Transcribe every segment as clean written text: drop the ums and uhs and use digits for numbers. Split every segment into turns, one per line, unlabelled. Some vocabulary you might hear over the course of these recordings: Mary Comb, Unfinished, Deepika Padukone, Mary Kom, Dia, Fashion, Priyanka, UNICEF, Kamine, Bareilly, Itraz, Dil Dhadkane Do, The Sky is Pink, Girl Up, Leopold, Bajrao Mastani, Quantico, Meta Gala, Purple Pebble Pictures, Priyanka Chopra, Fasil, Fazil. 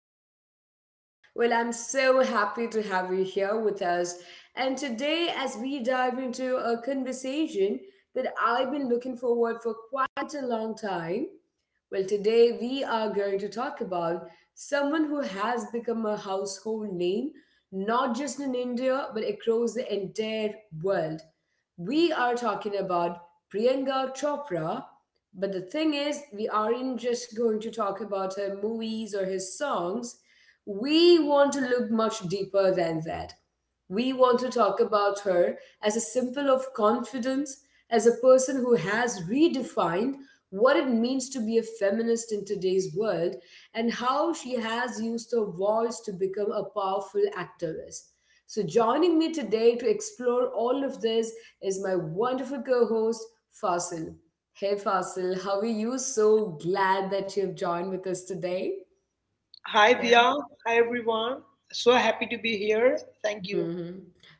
our podcast. I'm so happy to have you here with us. And today, as we dive into a conversation that I've been looking forward for quite a long time, today we are going to talk about someone who has become a household name, not just in India, but across the entire world. We are talking about Priyanka Chopra, but the thing is, we aren't just going to talk about her movies or his songs. We want to look much deeper than that. We want to talk about her as a symbol of confidence, as a person who has redefined what it means to be a feminist in today's world, and how she has used her voice to become a powerful activist. So, joining me today to explore all of this is my wonderful co host, Fasil. Hey, Fasil, how are you? So glad that you have joined with us today.
Hi Dia,
Yeah.
hi everyone. So happy to be here. Thank you.
Mm-hmm.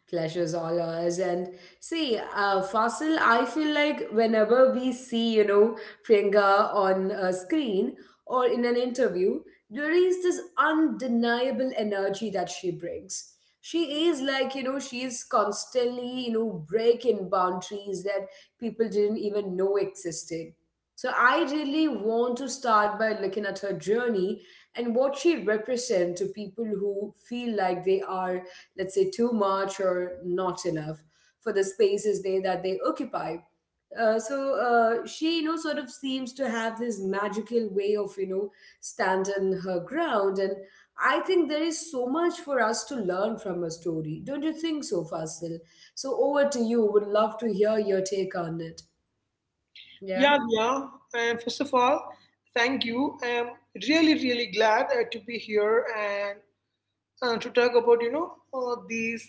Pleasures all ours. And see, Fasil, I feel like whenever we see, you know, Priyanka on a screen or in an interview, there is this undeniable energy that she brings. She is like, you know, she is constantly, you know, breaking boundaries that people didn't even know existed. So I really want to start by looking at her journey and what she represents to people who feel like they are, let's say, too much or not enough for the spaces they that they occupy. So she, you know, sort of seems to have this magical way of, you know, standing her ground, and I think there is so much for us to learn from her story. Don't you think so, Fasil? So over to you. Would love to hear your take on it. Yeah.
Yeah, Dia. And first of all, thank you. I'm really, really glad to be here and to talk about these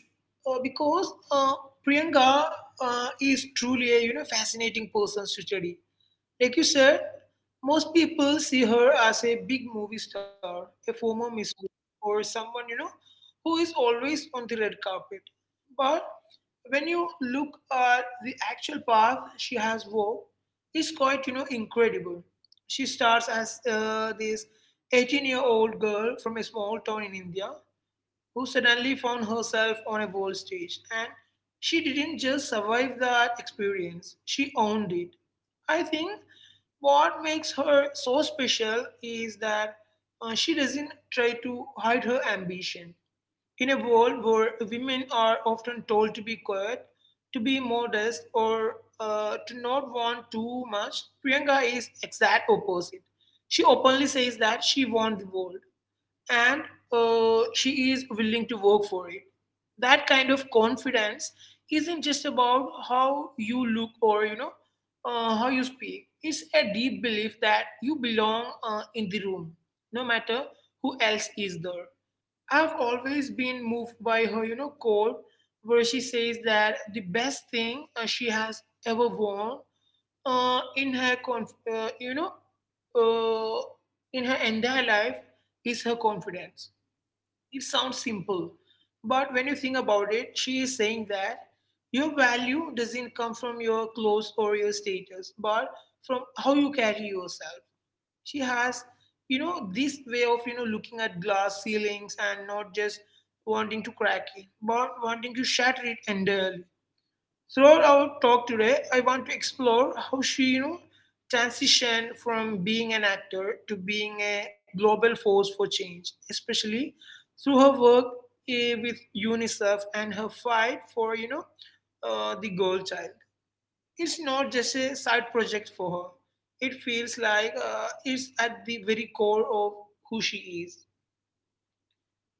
because Priyanka is truly a fascinating person to study. Like you said, most people see her as a big movie star, a former Miss World, or someone, you know, who is always on the red carpet. But when you look at the actual path she has walked, it's quite, you know, incredible. She starts as this 18-year-old year old girl from a small town in India who suddenly found herself on a world stage. And she didn't just survive that experience, she owned it. I think what makes her so special is that she doesn't try to hide her ambition. In a world where women are often told to be quiet, to be modest, or to not want too much, Priyanka is exact opposite. She openly says that she wants the world, and she is willing to work for it. That kind of confidence isn't just about how you look, or you know, how you speak. It's a deep belief that you belong in the room, no matter who else is there. I've always been moved by her, you know, quote where she says that the best thing she has ever worn uh, in her, conf- uh, you know, uh, in her entire life is her confidence. It sounds simple, but when you think about it, she is saying that your value doesn't come from your clothes or your status, but from how you carry yourself. She has, you know, this way of, you know, looking at glass ceilings and not just wanting to crack it, but wanting to shatter it entirely. Throughout our talk today, I want to explore how she, you know, transitioned from being an actor to being a global force for change, especially through her work with UNICEF and her fight for, you know, the girl child. It's not just a side project for her. It feels like it's at the very core of who she is.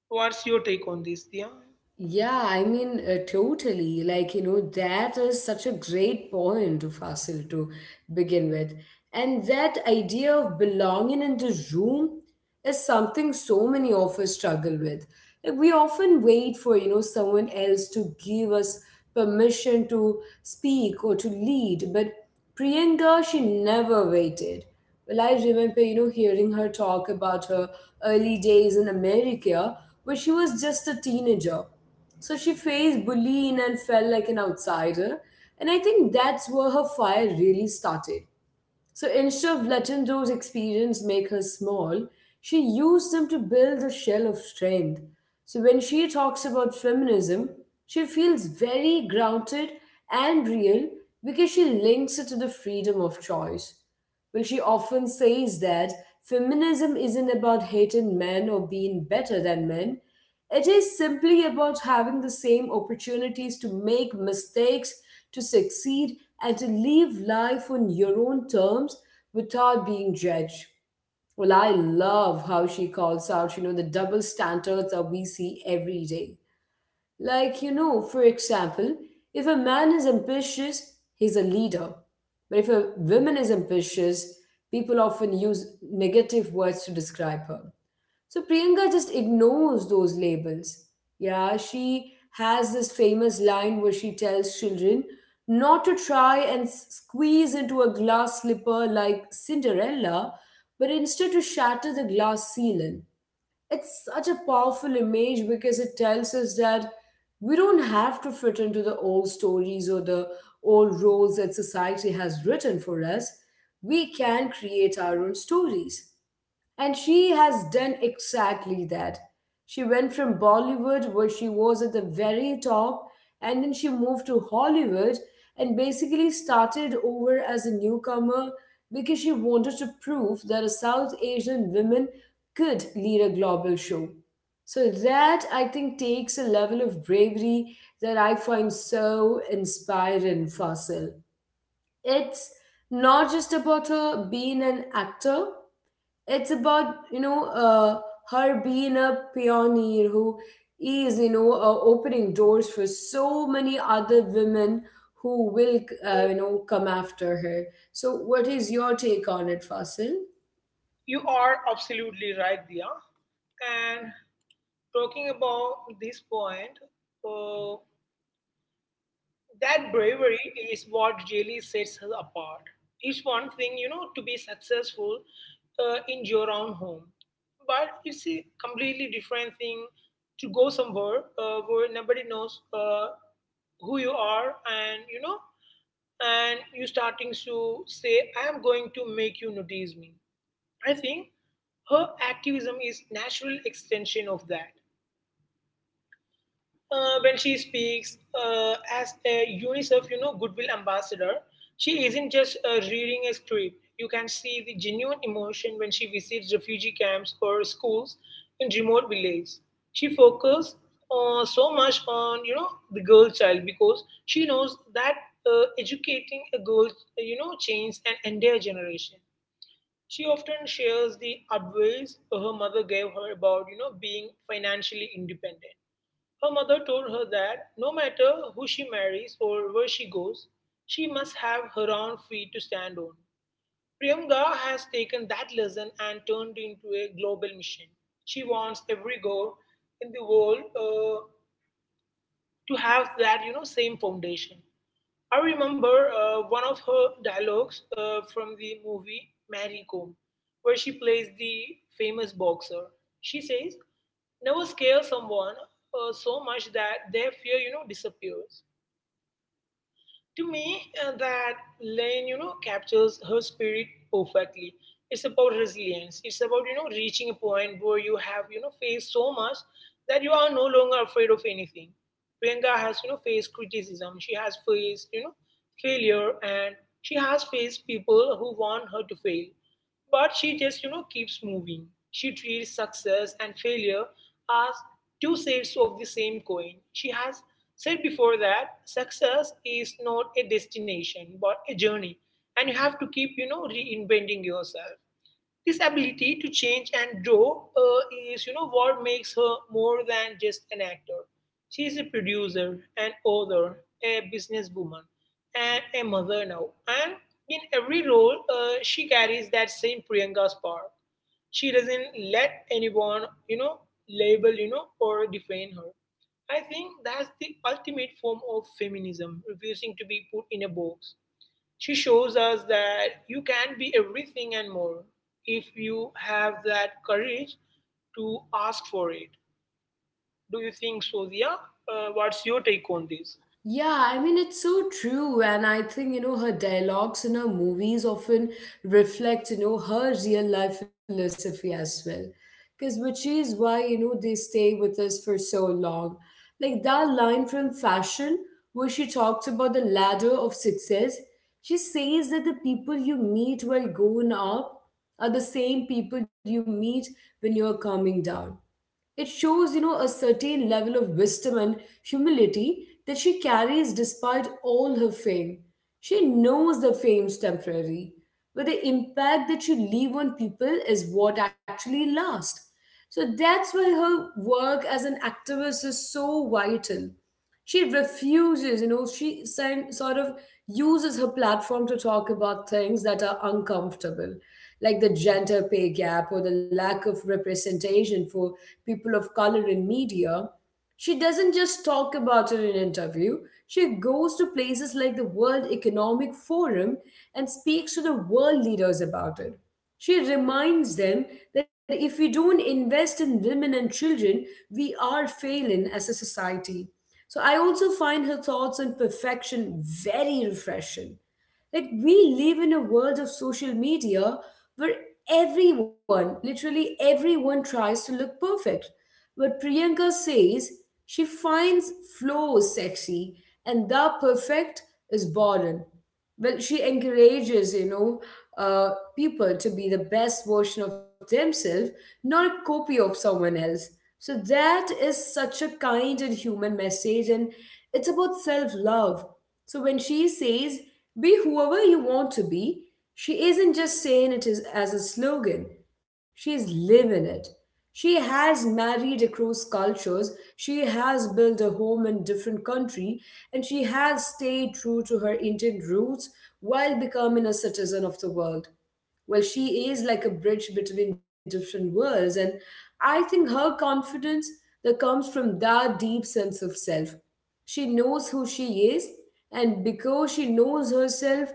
What's your take on this, Dia?
Yeah, I mean, totally. Like, you know, that is such a great point to Fasil to begin with. And that idea of belonging in the room is something so many of us struggle with. Like, we often wait for, you know, someone else to give us permission to speak or to lead, but Priyanka, she never waited. Well, I remember, you know, hearing her talk about her early days in America when she was just a teenager. So she faced bullying and felt like an outsider. And I think that's where her fire really started. So instead of letting those experiences make her small, she used them to build a shell of strength. So when she talks about feminism, she feels very grounded and real because she links it to the freedom of choice where she often says that feminism isn't about hating men or being better than men. It is simply about having the same opportunities to make mistakes, to succeed, and to live life on your own terms without being judged. Well, I love how she calls out, you know, the double standards that we see every day. Like, you know, for example, if a man is ambitious, he's a leader. But if a woman is ambitious, people often use negative words to describe her. So Priyanka just ignores those labels. Yeah, she has this famous line where she tells children not to try and squeeze into a glass slipper like Cinderella, but instead to shatter the glass ceiling. It's such a powerful image because it tells us that we don't have to fit into the old stories or the old roles that society has written for us. We can create our own stories. And she has done exactly that. She went from Bollywood, where she was at the very top, and then she moved to Hollywood and basically started over as a newcomer because she wanted to prove that a South Asian woman could lead a global show. So, that I think takes a level of bravery that I find so inspiring, Fasil. It's not just about her being an actor, it's about her being a pioneer who is opening doors for so many other women who will you know come after her so what is your take on it fasil.
You are absolutely right, Dia. And talking about this point, uh, that bravery is what really sets her apart. It's one thing, you know, to be successful in your own home, but it's a completely different thing to go somewhere where nobody knows who you are, and you know, and you starting to say, "I am going to make you notice me." I think her activism is natural extension of that when she speaks as a UNICEF, you know, goodwill ambassador, she isn't just reading a script. You can see the genuine emotion when she visits refugee camps or schools in remote villages. She focuses so much on, you know, the girl child, because she knows that educating a girl, you know, changes an entire generation. She often shares the advice her mother gave her about, you know, being financially independent. Her mother told her that no matter who she marries or where she goes, she must have her own feet to stand on. Priyanka has taken that lesson and turned it into a global mission. She wants every girl in the world to have that, you know, same foundation. I remember one of her dialogues from the movie Mary Kom, where she plays the famous boxer. She says, never scare someone so much that their fear, you know, disappears. To me, that line, you know, captures her spirit perfectly. It's about resilience. It's about, you know, reaching a point where you have, you know, faced so much that you are no longer afraid of anything. Priyanka has, you know, faced criticism. She has faced, you know, failure, and she has faced people who want her to fail. But she just, you know, keeps moving. She treats success and failure as two sides of the same coin. She has said before that success is not a destination but a journey, and you have to keep, you know, reinventing yourself. This ability to change and grow is, you know, what makes her more than just an actor. She is a producer, an author, a businesswoman, and a mother now. And in every role, she carries that same Priyanka spark. She doesn't let anyone, you know, label, you know, or define her. I think that's the ultimate form of feminism, refusing to be put in a box. She shows us that you can be everything and more if you have that courage to ask for it. Do you think so, Dia? What's your take on this?
Yeah, I mean, it's so true. And I think, you know, her dialogues in her movies often reflect, you know, her real life philosophy as well. Because, which is why, you know, they stay with us for so long. Like that line from Fashion, where she talks about the ladder of success, she says that the people you meet while going up are the same people you meet when you're coming down. It shows, you know, a certain level of wisdom and humility that she carries despite all her fame. She knows the fame's temporary, but the impact that she leave on people is what actually lasts. So that's why her work as an activist is so vital. She refuses, you know, she sort of uses her platform to talk about things that are uncomfortable, like the gender pay gap or the lack of representation for people of color in media. She doesn't just talk about it in an interview, she goes to places like the World Economic Forum and speaks to the world leaders about it. She reminds them that if we don't invest in women and children, we are failing as a society. So I also find her thoughts on perfection very refreshing. Like, we live in a world of social media where everyone, literally everyone, tries to look perfect. But Priyanka says she finds flows sexy and the perfect is boring. Well, she encourages, you know, people to be the best version of themselves, not a copy of someone else. So that is such a kind and human message, and it's about self love. So when she says, be whoever you want to be, she isn't just saying it is as a slogan, she's living it. She has married across cultures, she has built a home in different country, and she has stayed true to her Indian roots while becoming a citizen of the world. Well, she is like a bridge between different worlds, and I think her confidence that comes from that deep sense of self, she knows who she is, and because she knows herself,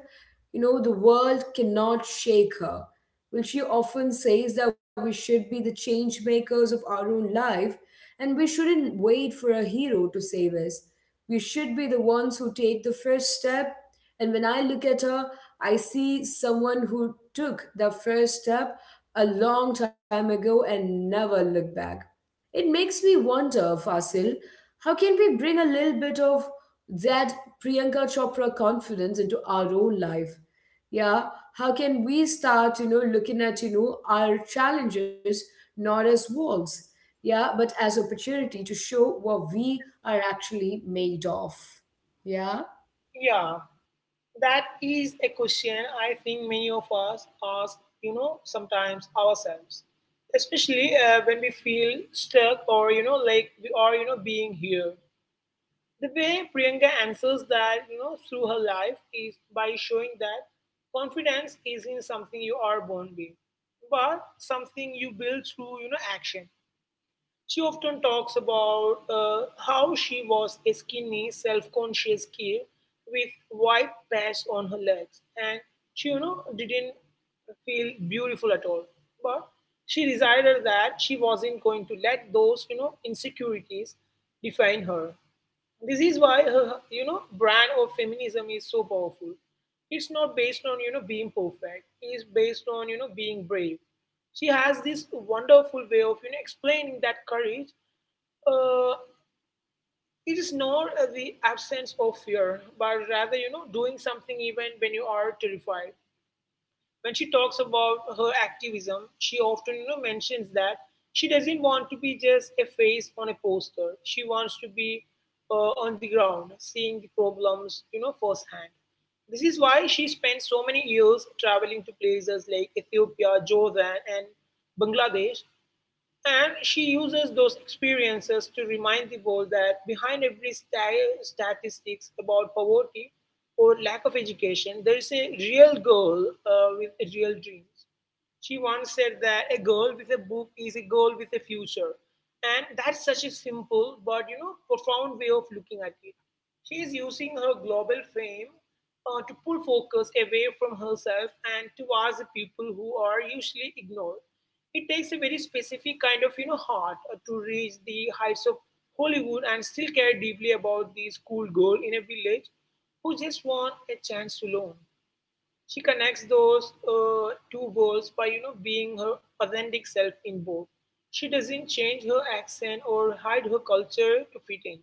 you know, the world cannot shake her. Well, she often says that we should be the change makers of our own life, and we shouldn't wait for a hero to save us. We should be the ones who take the first step, and when I look at her, I see someone who took the first step a long time ago and never looked back. It makes me wonder, Fasil, how can we bring a little bit of that Priyanka Chopra confidence into our own life? Yeah, how can we start, you know, looking at, you know, our challenges not as walls, yeah, but as opportunity to show what we are actually made of. Yeah.
Yeah, that is a question I think many of us ask, you know, sometimes ourselves, especially when we feel stuck, or, you know, like we are, you know, being here. The way Priyanka answers that, you know, through her life is by showing that confidence isn't something you are born with, but something you build through, you know, action. She often talks about how she was a skinny, self-conscious kid with white patch on her legs, and she, you know, didn't feel beautiful at all. But she decided that she wasn't going to let those, you know, insecurities define her. This is why her, you know, brand of feminism is so powerful. It's not based on, you know, being perfect, it's based on, you know, being brave. She has this wonderful way of, you know, explaining that courage, uh, it is not the absence of fear, but rather, you know, doing something even when you are terrified. When she talks about her activism, she often, you know, mentions that she doesn't want to be just a face on a poster. She wants to be on the ground, seeing the problems, you know, firsthand. This is why she spent so many years traveling to places like Ethiopia, Jordan, and Bangladesh, and she uses those experiences to remind the world that behind every statistics about poverty or lack of education, there is a real girl with real dreams. She once said that a girl with a book is a girl with a future. And that's such a simple but, you know, profound way of looking at it. She is using her global fame to pull focus away from herself and towards the people who are usually ignored. It takes a very specific kind of, you know, heart to reach the heights of Hollywood and still care deeply about the schoolgirl in a village who just want a chance to learn. She connects those two worlds by, you know, being her authentic self in both. She doesn't change her accent or hide her culture to fit in.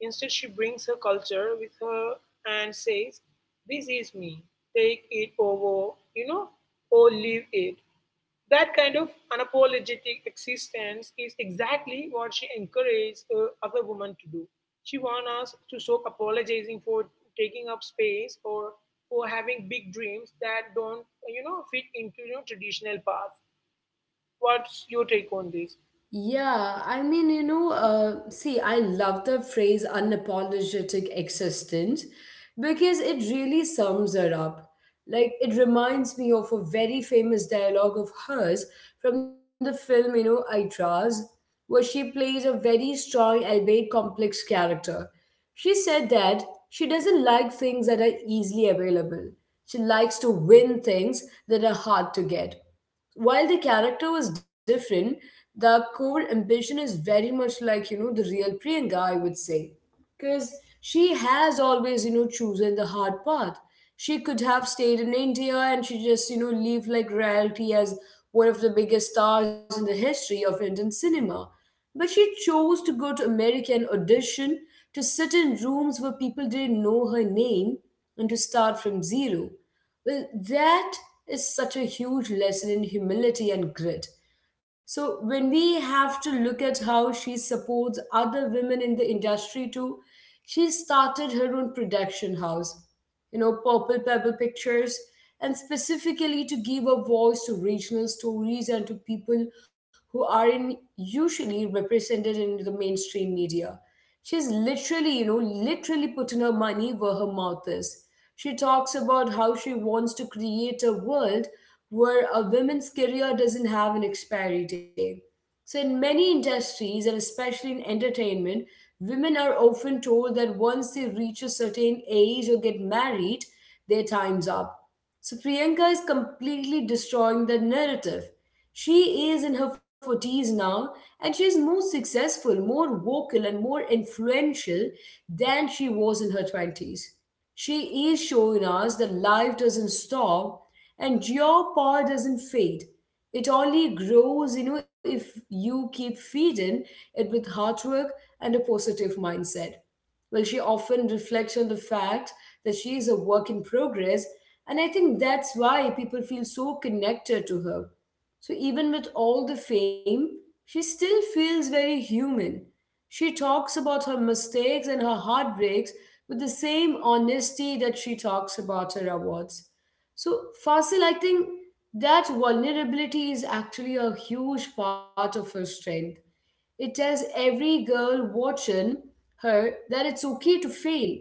Instead, she brings her culture with her and says, "This is me. Take it over, you know, or leave it." That kind of unapologetic existence is exactly what she encouraged other women to do. She wants us to stop apologizing for taking up space, or for having big dreams that don't, you know, fit into, you know, traditional paths. What's your take on this?
Yeah, I mean, you know, see, I love the phrase unapologetic existence because it really sums it up. Like, it reminds me of a very famous dialogue of hers from the film, you know, Itraz, where she plays a very strong, albeit complex character. She said that she doesn't like things that are easily available. She likes to win things that are hard to get. While the character was different, the core ambition is very much like, you know, the real Priyanka, I would say. Because she has always, you know, chosen the hard path. She could have stayed in India and she just, you know, lived like royalty as one of the biggest stars in the history of Indian cinema. But she chose to go to American audition, to sit in rooms where people didn't know her name, and to start from zero. Well, that is such a huge lesson in humility and grit. So, when we have to look at how she supports other women in the industry too, she started her own production house, you know, Purple Pebble Pictures, and specifically to give a voice to regional stories and to people who aren't usually represented in the mainstream media. She's literally, you know, literally putting her money where her mouth is. She talks about how she wants to create a world where a woman's career doesn't have an expiry date. So, in many industries, and especially in entertainment, women are often told that once they reach a certain age or get married, their time's up. So, Priyanka is completely destroying that narrative. She is in her 40s now, and she is more successful, more vocal, and more influential than she was in her 20s. She is showing us that life doesn't stop and your power doesn't fade. It only grows, you know, if you keep feeding it with hard work and a positive mindset. Well, she often reflects on the fact that she is a work in progress, and I think that's why people feel so connected to her. So, even with all the fame, she still feels very human. She talks about her mistakes and her heartbreaks with the same honesty that she talks about her awards. So, Fasil, I think that vulnerability is actually a huge part of her strength. It tells every girl watching her that it's okay to fail.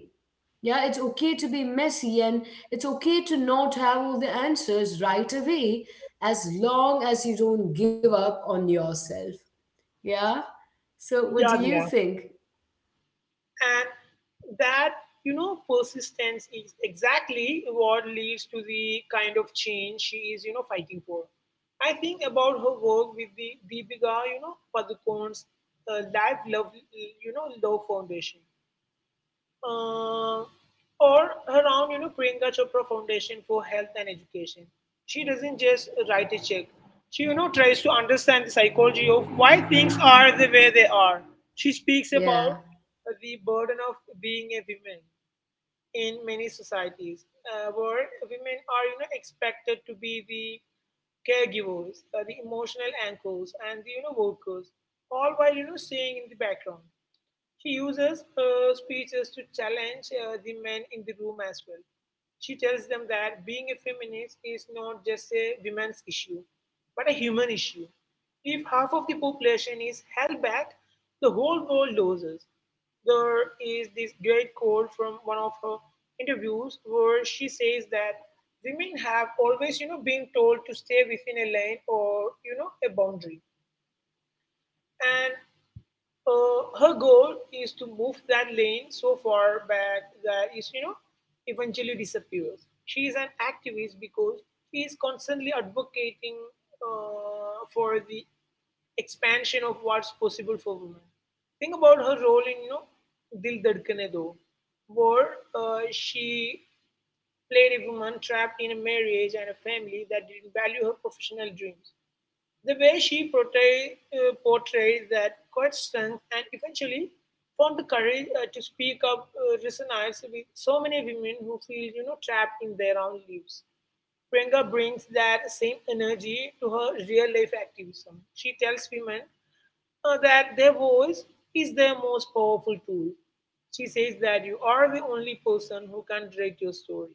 Yeah, it's okay to be messy, and it's okay to not have all the answers right away, as long as you don't give up on yourself. Yeah? So, what do
Yeah,
you think?
and that, you know, persistence is exactly what leads to the kind of change she is, you know, fighting for. I think about her work with the Deepika, you know, Padukone's Life Love, you know, Love Foundation, uh, or around, you know, Priyanka Chopra Foundation for Health and Education. She doesn't just write a check. She, you know, tries to understand the psychology of why things are the way they are. She speaks
Yeah.
about the burden of being a woman in many societies where women are, you know, expected to be the caregivers, the emotional anchors, and the, you know, workers, all while, you know, staying in the background. She uses her speeches to challenge the men in the room as well. She tells them that being a feminist is not just a women's issue, but a human issue. If half of the population is held back, the whole world loses. There is this great quote from one of her interviews where she says that women have always, you know, been told to stay within a lane, or, you know, a boundary. And Her goal is to move that lane so far back that is you know eventually disappears. She is an activist because she is constantly advocating for the expansion of what's possible for women. Think about her role in Dil Dhadkane Do, where she played a woman trapped in a marriage and a family that didn't value her professional dreams. The way she portrays that quiet strength and eventually found the courage to speak up resonates with so many women who feel trapped in their own lives. Priyanka brings that same energy to her real life activism. She tells women that their voice is their most powerful tool. She says that you are the only person who can write your story.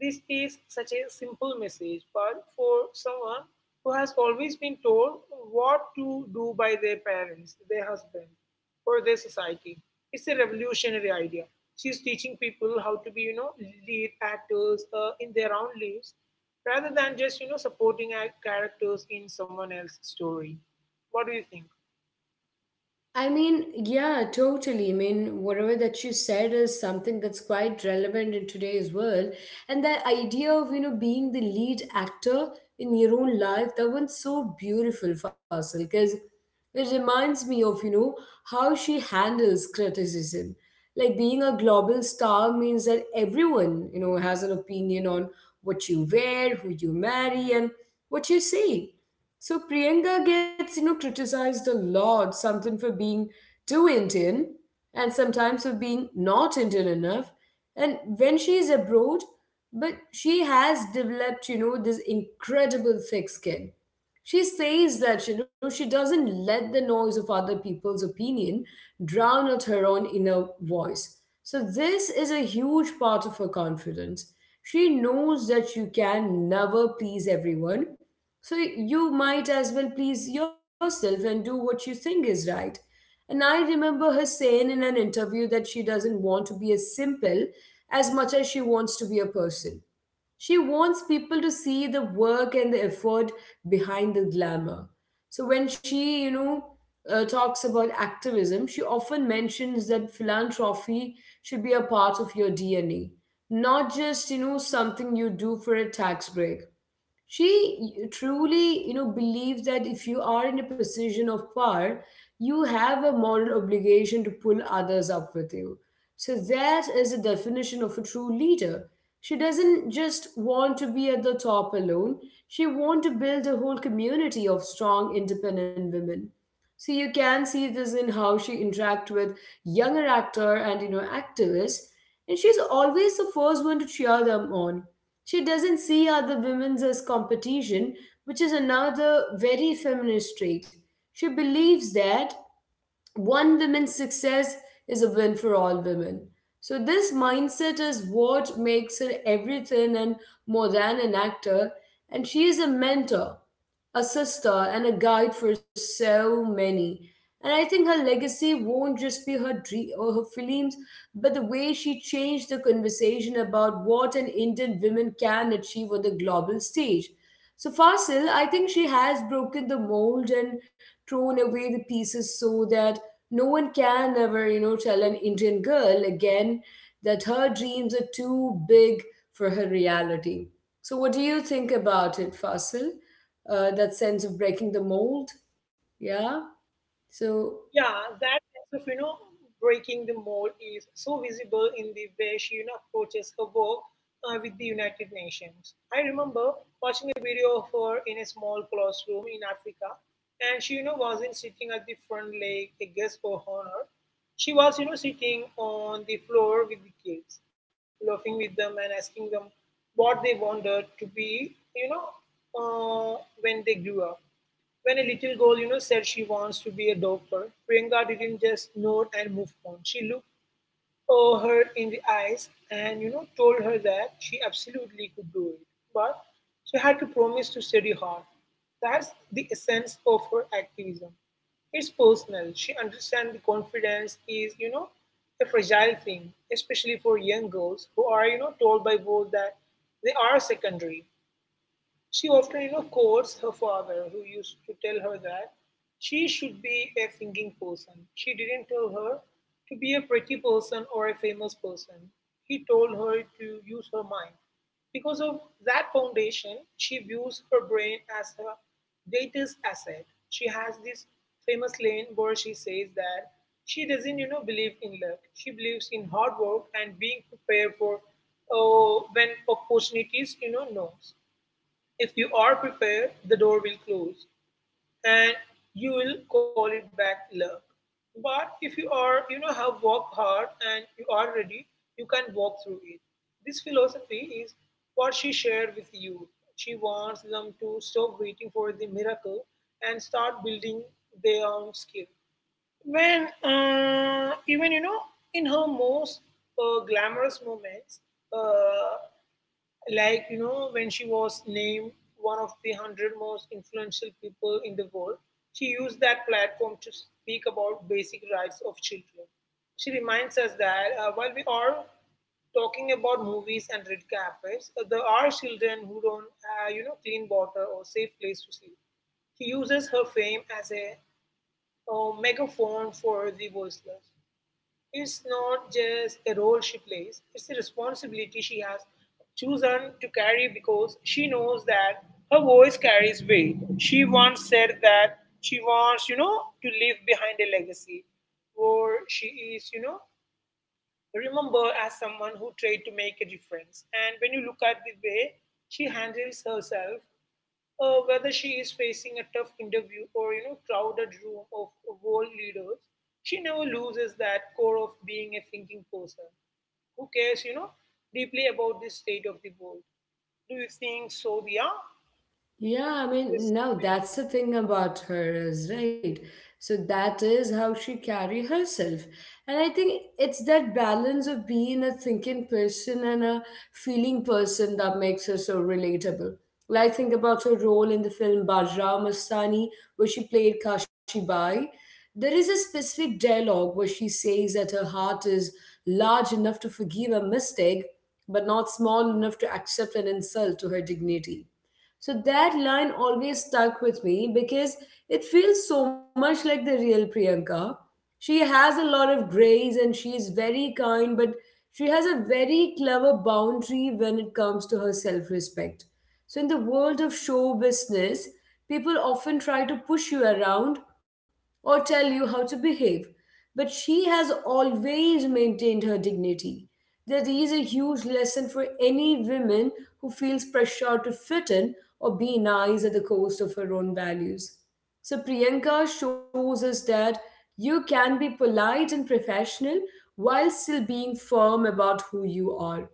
This is such a simple message, but for someone who has always been told what to do by their parents, their husband, or their society, it's a revolutionary idea. She's teaching people how to be, you know, lead actors in their own lives rather than just, you know, supporting characters in someone else's story. What do you think?
I mean, yeah, totally. I mean, whatever that you said is something that's quite relevant in today's world. And that idea of, you know, being the lead actor in your own life, that one's so beautiful, Fasil, because it reminds me of, you know, how she handles criticism. Like, being a global star means that everyone, you know, has an opinion on what you wear, who you marry, and what you say. So Priyanka gets, you know, criticized a lot, something for being too Indian and sometimes for being not Indian enough. And when she is abroad, but she has developed, you know, this incredible thick skin. She says that, you know, she doesn't let the noise of other people's opinion drown out her own inner voice. So this is a huge part of her confidence. She knows that you can never please everyone, so you might as well please yourself and do what you think is right. And I remember her saying in an interview that she doesn't want to be as simple as much as she wants to be a person. She wants people to see the work and the effort behind the glamour. So when she, you know, talks about activism, she often mentions that philanthropy should be a part of your DNA, not just, you know, something you do for a tax break. She truly, you know, believes that if you are in a position of power, you have a moral obligation to pull others up with you. So that is the definition of a true leader. She doesn't just want to be at the top alone. She wants to build a whole community of strong independent women. So you can see this in how she interacts with younger actor and, you know, activists, and she's always the first one to cheer them on. She doesn't see other women as competition, which is another very feminist trait. She believes that one woman's success is a win for all women. So, this mindset is what makes her everything and more than an actor, and she is a mentor, a sister, and a guide for so many. And I think her legacy won't just be her dream or her films, but the way she changed the conversation about what an Indian woman can achieve on the global stage. So Fasil, I think she has broken the mold and thrown away the pieces so that no one can ever, you know, tell an Indian girl again that her dreams are too big for her reality. So, what do you think about it, Fasil? That sense of breaking the mold? Yeah.
Yeah,
So,
that sense of, you know, breaking the mold is so visible in the way she, you know, approaches her work with the United Nations. I remember watching a video of her in a small classroom in Africa, and she, you know, wasn't sitting at the front like a guest for honor. She was, you know, sitting on the floor with the kids, laughing with them and asking them what they wanted to be, you know, when they grew up. When a little girl, you know, said she wants to be a doctor, Priyanka didn't just nod and move on. She looked her in the eyes and, you know, told her that she absolutely could do it. But she had to promise to study hard. That's the essence of her activism. It's personal. She understands the confidence is, you know, a fragile thing, especially for young girls who are, you know, told by both that they are secondary. She often, you know, quotes her father, who used to tell her that she should be a thinking person. She didn't tell her to be a pretty person or a famous person. He told her to use her mind. Because of that foundation, she views her brain as her greatest asset. She has this famous line where she says that she doesn't, you know, believe in luck. She believes in hard work and being prepared for when opportunities, you know, knows. If you are prepared, the door will close and you will call it back luck. But if you are, you know, have worked hard and you are ready, you can walk through it. This philosophy is what she shared with you. She wants them to stop waiting for the miracle and start building their own skill. Even, you know, in her most glamorous moments, uh, like you know, when she was named one of the 100 most influential people in the world, she used that platform to speak about basic rights of children. She reminds us that while we are talking about movies and red carpets, there are children who don't you know, clean water or safe place to sleep. She uses her fame as a megaphone for the voiceless. It's not just a role she plays, it's a responsibility she has chosen to carry because she knows that her voice carries weight. She once said that she wants, you know, to leave behind a legacy where she is, you know, remembered as someone who tried to make a difference. And when you look at the way she handles herself, whether she is facing a tough interview or you know, crowded room of world leaders, she never loses that core of being a thinking person who cares, you know, deeply about the state of the world. Do you think so, Dia?
yeah, I mean,
Yes.
now that's the thing about her, is right. So that is how she carry herself. And I think it's that balance of being a thinking person and a feeling person that makes her so relatable. Like, think about her role in the film Bajra Mastani, where she played Kashi Bai. There is a specific dialogue where she says that her heart is large enough to forgive a mistake, but not small enough to accept an insult to her dignity. So that line always stuck with me because it feels so much like the real Priyanka. She has a lot of grace and she is very kind, but she has a very clever boundary when it comes to her self respect. So, in the world of show business, people often try to push you around or tell you how to behave, but she has always maintained her dignity. That is a huge lesson for any woman who feels pressure to fit in or be nice at the cost of her own values. So Priyanka shows us that you can be polite and professional while still being firm about who you are.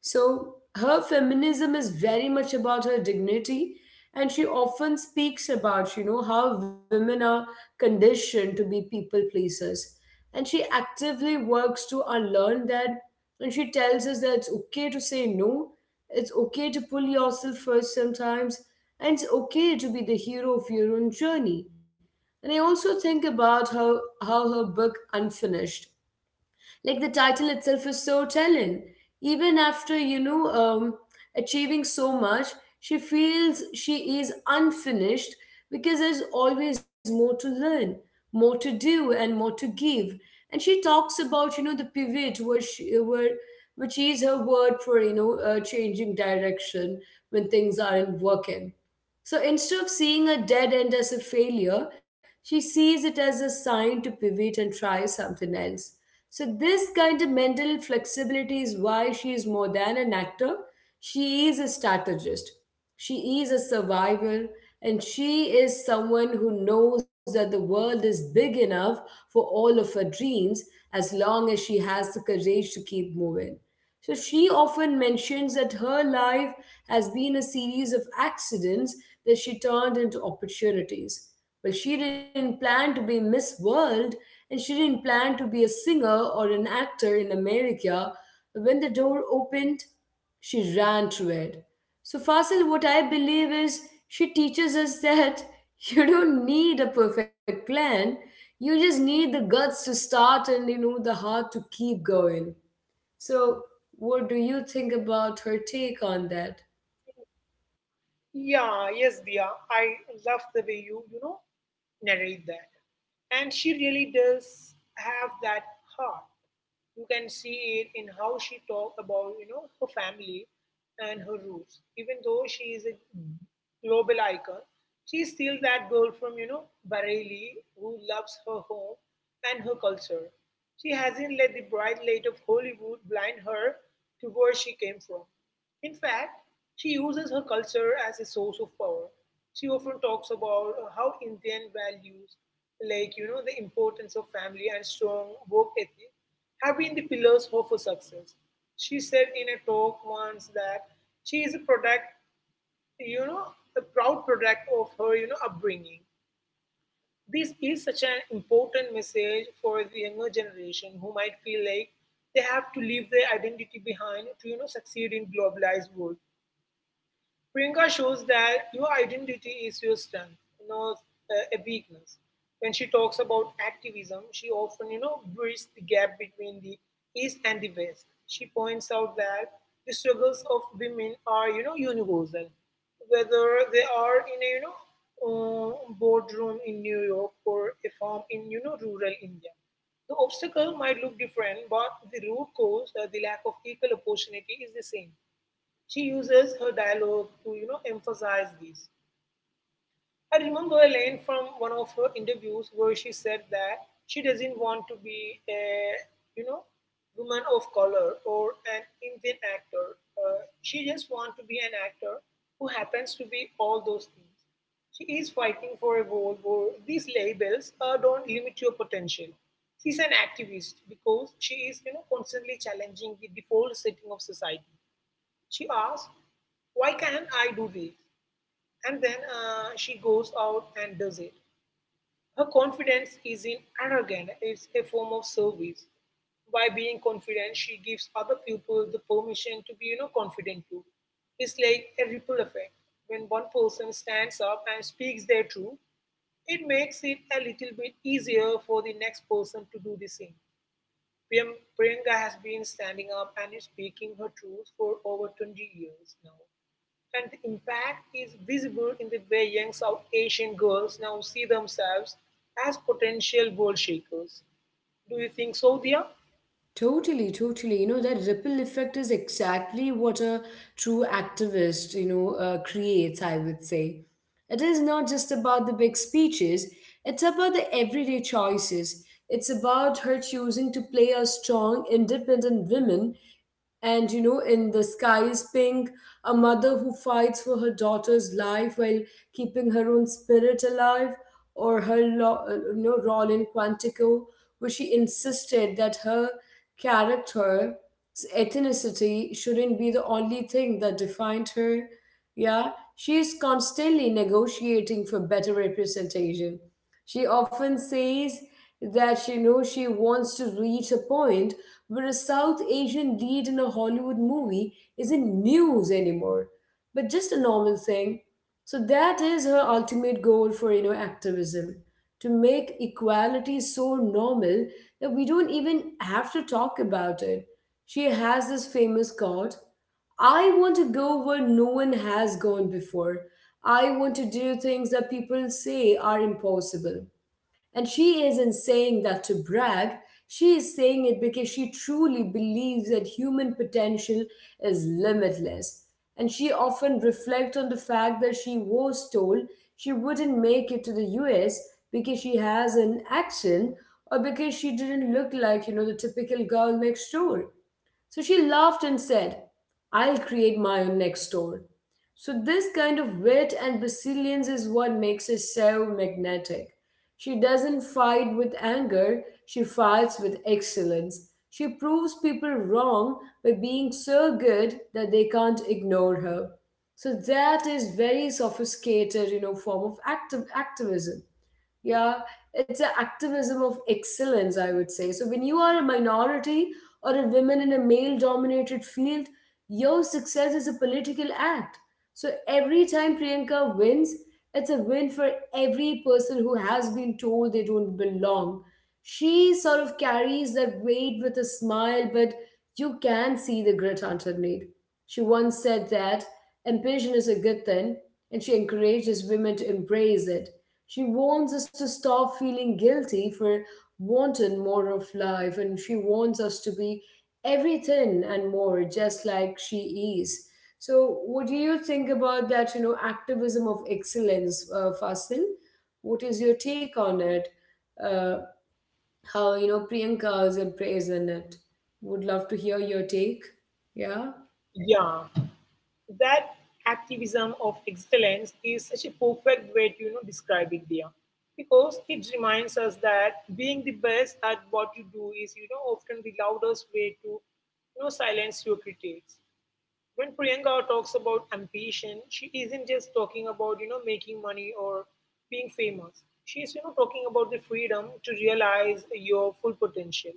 So her feminism is very much about her dignity, and she often speaks about, you know, how women are conditioned to be people pleasers. And she actively works to unlearn that. And she tells us that it's okay to say no, it's okay to pull yourself first sometimes, and it's okay to be the hero of your own journey. And I also think about how her book Unfinished, like, the title itself is so telling. Even after, you know, achieving so much, she feels she is unfinished because there's always more to learn, more to do, and more to give. And she talks about, you know, the pivot, where she, where, which is her word for, you know, changing direction when things aren't working. So instead of seeing a dead end as a failure, she sees it as a sign to pivot and try something else. So this kind of mental flexibility is why she is more than an actor. She is a strategist. She is a survivor, and she is someone who knows that the world is big enough for all of her dreams, as long as she has the courage to keep moving. So she often mentions that her life has been a series of accidents that she turned into opportunities. But she didn't plan to be Miss World, and she didn't plan to be a singer or an actor in America. When the door opened, she ran through it. So, Fasil, what I believe is she teaches us that you don't need a perfect plan. You just need the guts to start and, you know, the heart to keep going. So, what do you think about her take on that?
Yeah yes, Dia, I love the way you know narrate that, and she really does have that heart. You can see it in how she talked about, you know, her family and her roots. Even though she is a global icon, she is still that girl from you know, Bareilly, who loves her home and her culture. She hasn't let the bright light of Hollywood blind her to where she came from. In fact, she uses her culture as a source of power. She often talks about how Indian values, like you know, the importance of family and strong work ethic, have been the pillars of her success. She said in a talk once that she is a product, you know, a proud product of her, you know, upbringing. This is such an important message for the younger generation who might feel like they have to leave their identity behind to, you know, succeed in globalized world. Priyanka shows that your identity is your strength, not a weakness. When she talks about activism, she often, you know, bridges the gap between the East and the West. She points out that the struggles of women are, you know, universal, whether they are in a, you know, uh, boardroom in New York or a farm in, you know, rural India. The obstacle might look different, but the root cause, the lack of equal opportunity, is the same. She uses her dialogue to you know, emphasize this. I remember a line from one of her interviews where she said that she doesn't want to be a you know, woman of color or an Indian actor. She just wants to be an actor who happens to be all those things. She is fighting for a world where these labels don't limit your potential. She's an activist because she is you know, constantly challenging the default setting of society. She asks, why can't I do this? And then she goes out and does it. Her confidence isn't arrogant, it's a form of service. By being confident, she gives other people the permission to be, you know, confident too. It's like a ripple effect. When one person stands up and speaks their truth, it makes it a little bit easier for the next person to do the same. Priyanka has been standing up and is speaking her truth for over 20 years now. And the impact is visible in the way young South Asian girls now see themselves as potential world shakers. Do you think so, Dia?
Totally, totally. You know, that ripple effect is exactly what a true activist, you know, creates, I would say. It is not just about the big speeches, it's about the everyday choices. It's about her choosing to play a strong, independent woman. And you know, in The Sky is Pink, a mother who fights for her daughter's life while keeping her own spirit alive, or her you know, role in Quantico, where she insisted that her character's ethnicity shouldn't be the only thing that defined her. Yeah, she is constantly negotiating for better representation. She often says that, you know, she wants to reach a point where a South Asian lead in a Hollywood movie isn't news anymore, but just a normal thing. So that is her ultimate goal for, you know, activism, to make equality so normal that we don't even have to talk about it. She has this famous quote, "I want to go where no one has gone before. I want to do things that people say are impossible." And she isn't saying that to brag. She is saying it because she truly believes that human potential is limitless. And she often reflects on the fact that she was told she wouldn't make it to the US because she has an accent or because she didn't look like, you know, the typical girl next door. So she laughed and said, "I'll create my own next door." So, this kind of wit and resilience is what makes her so magnetic. She doesn't fight with anger, she fights with excellence. She proves people wrong by being so good that they can't ignore her. So that is very sophisticated, you know, form of active activism. Yeah, it's an activism of excellence, I would say. So when you are a minority or a woman in a male dominated field, your success is a political act. So every time Priyanka wins, it's a win for every person who has been told they don't belong. She sort of carries that weight with a smile, but you can see the grit underneath. She once said that ambition is a good thing, and she encourages women to embrace it. She wants us to stop feeling guilty for wanting more of life, and she wants us to be everything and more, just like she is. So, what do you think about that? You know, activism of excellence, Fasil. What is your take on it? Uh, how, you know, Priyanka is embracing it? Would love to hear your take. Yeah.
Yeah, that activism of excellence is such a perfect way to you know, describe it, Dia, because it reminds us that being the best at what you do is you know, often the loudest way to you know, silence your critics. When Priyanka talks about ambition, she isn't just talking about you know, making money or being famous. She's you know, talking about the freedom to realize your full potential.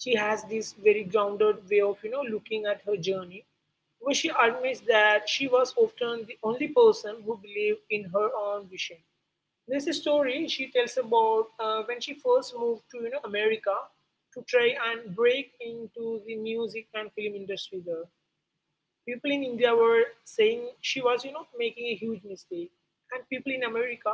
She has this very grounded way of you know, looking at her journey, where she admits that she was often the only person who believed in her own vision. There's a story she tells about when she first moved to you know, America to try and break into the music and film industry there. People in India were saying she was, you know, making a huge mistake. And people in America,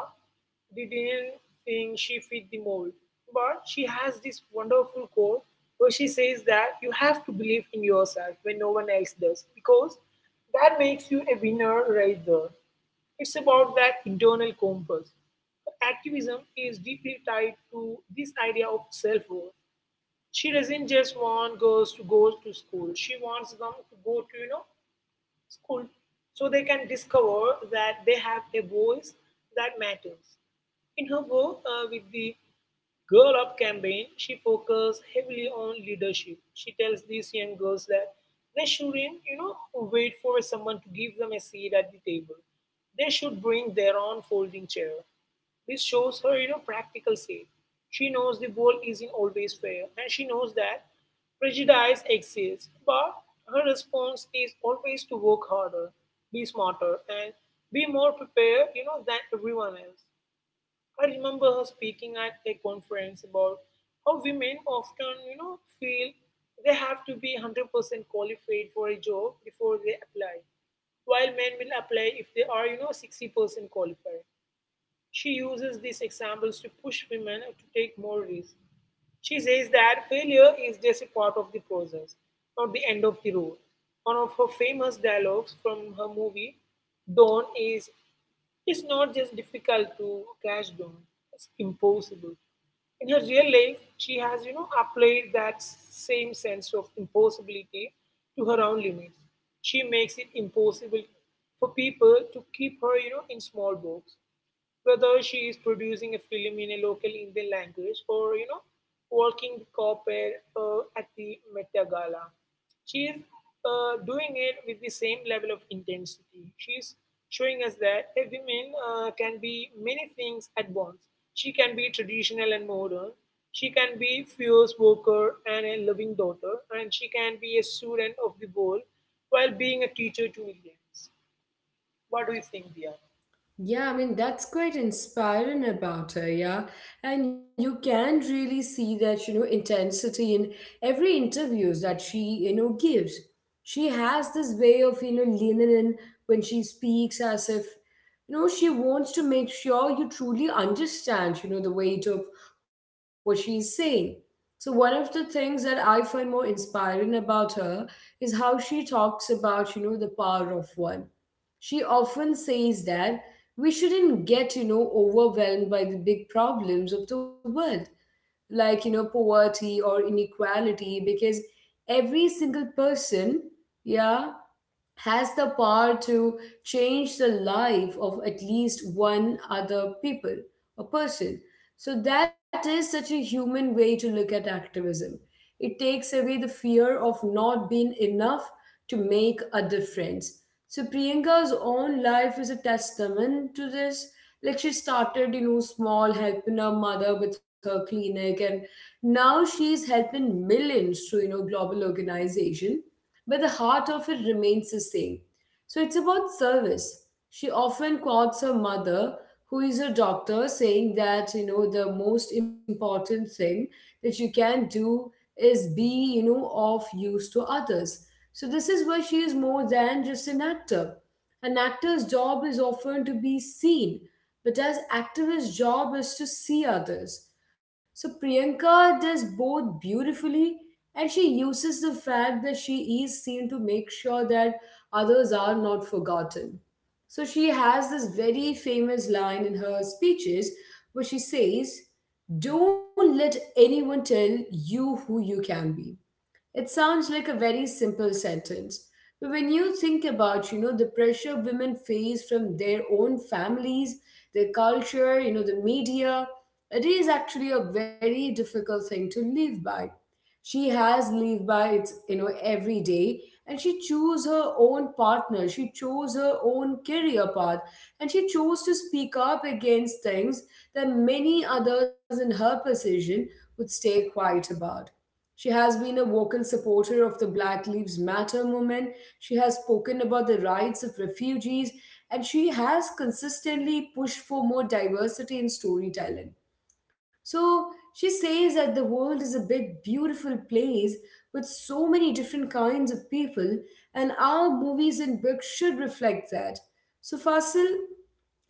they didn't think she fit the mold. But she has this wonderful quote where she says that you have to believe in yourself when no one else does, because that makes you a winner right there. It's about that internal compass. Activism is deeply tied to this idea of self worth. She doesn't just want girls to go to school. She wants them to go to, you know, school so they can discover that they have a voice that matters. In her work with the Girl Up campaign, she focuses heavily on leadership. She tells these young girls that they shouldn't, you know, wait for someone to give them a seat at the table. They should bring their own folding chair. This shows her, you know, practical side. She knows the world isn't always fair, and she knows that prejudice exists. But her response is always to work harder, be smarter, and be more prepared, you know, than everyone else. I remember her speaking at a conference about how women often, you know, feel they have to be 100% qualified for a job before they apply, while men will apply if they are, you know, 60% qualified. She uses these examples to push women to take more risks. She says that failure is just a part of the process, not the end of the road. One of her famous dialogues from her movie Dawn is, it's not just difficult to catch dawn, it's impossible. In her real life, she has, you know, applied that same sense of impossibility to her own limits. She makes it impossible for people to keep her, you know, in small box, whether she is producing a film in a local Indian language or you know, working the corporate at the Meta Gala. She is doing it with the same level of intensity. She's showing us that a woman can be many things at once. She can be traditional and modern. She can be fierce worker and a loving daughter, and she can be a student of the world while being a teacher to millions. What do you think, Dia?
Yeah, I mean, that's quite inspiring about her, yeah. And you can really see that, you know, intensity in every interviews that she, you know, gives. She has this way of, you know, leaning in when she speaks as if, you know, she wants to make sure you truly understand, you know, the weight of what she's saying. So one of the things that I find more inspiring about her is how she talks about, the power of one. She often says that we shouldn't get, overwhelmed by the big problems of the world, like, poverty or inequality, because every single person, yeah, has the power to change the life of at least one other people a person. So that is such a human way to look at activism. It takes away the fear of not being enough to make a difference. So Priyanka's own life is a testament to this. Like, she started, small, helping her mother with her clinic, and now she's helping millions through, global organization, but the heart of it remains the same. So it's about service. She often quotes her mother, who is a doctor, saying that, the most important thing that you can do is be, of use to others. So this is where she is more than just an actor. An actor's job is often to be seen, but as activist's job is to see others. So Priyanka does both beautifully, and she uses the fact that she is seen to make sure that others are not forgotten. So she has this very famous line in her speeches where she says, "Don't let anyone tell you who you can be." It sounds like a very simple sentence, but when you think about, the pressure women face from their own families, their culture, the media, it is actually a very difficult thing to live by. She has lived by it every day, and she chose her own partner. She chose her own career path, and she chose to speak up against things that many others in her position would stay quiet about. She has been a vocal supporter of the Black Lives Matter movement. She has spoken about the rights of refugees, and she has consistently pushed for more diversity in storytelling. So she says that the world is a big, beautiful place with so many different kinds of people, and our movies and books should reflect that. So, Fasil,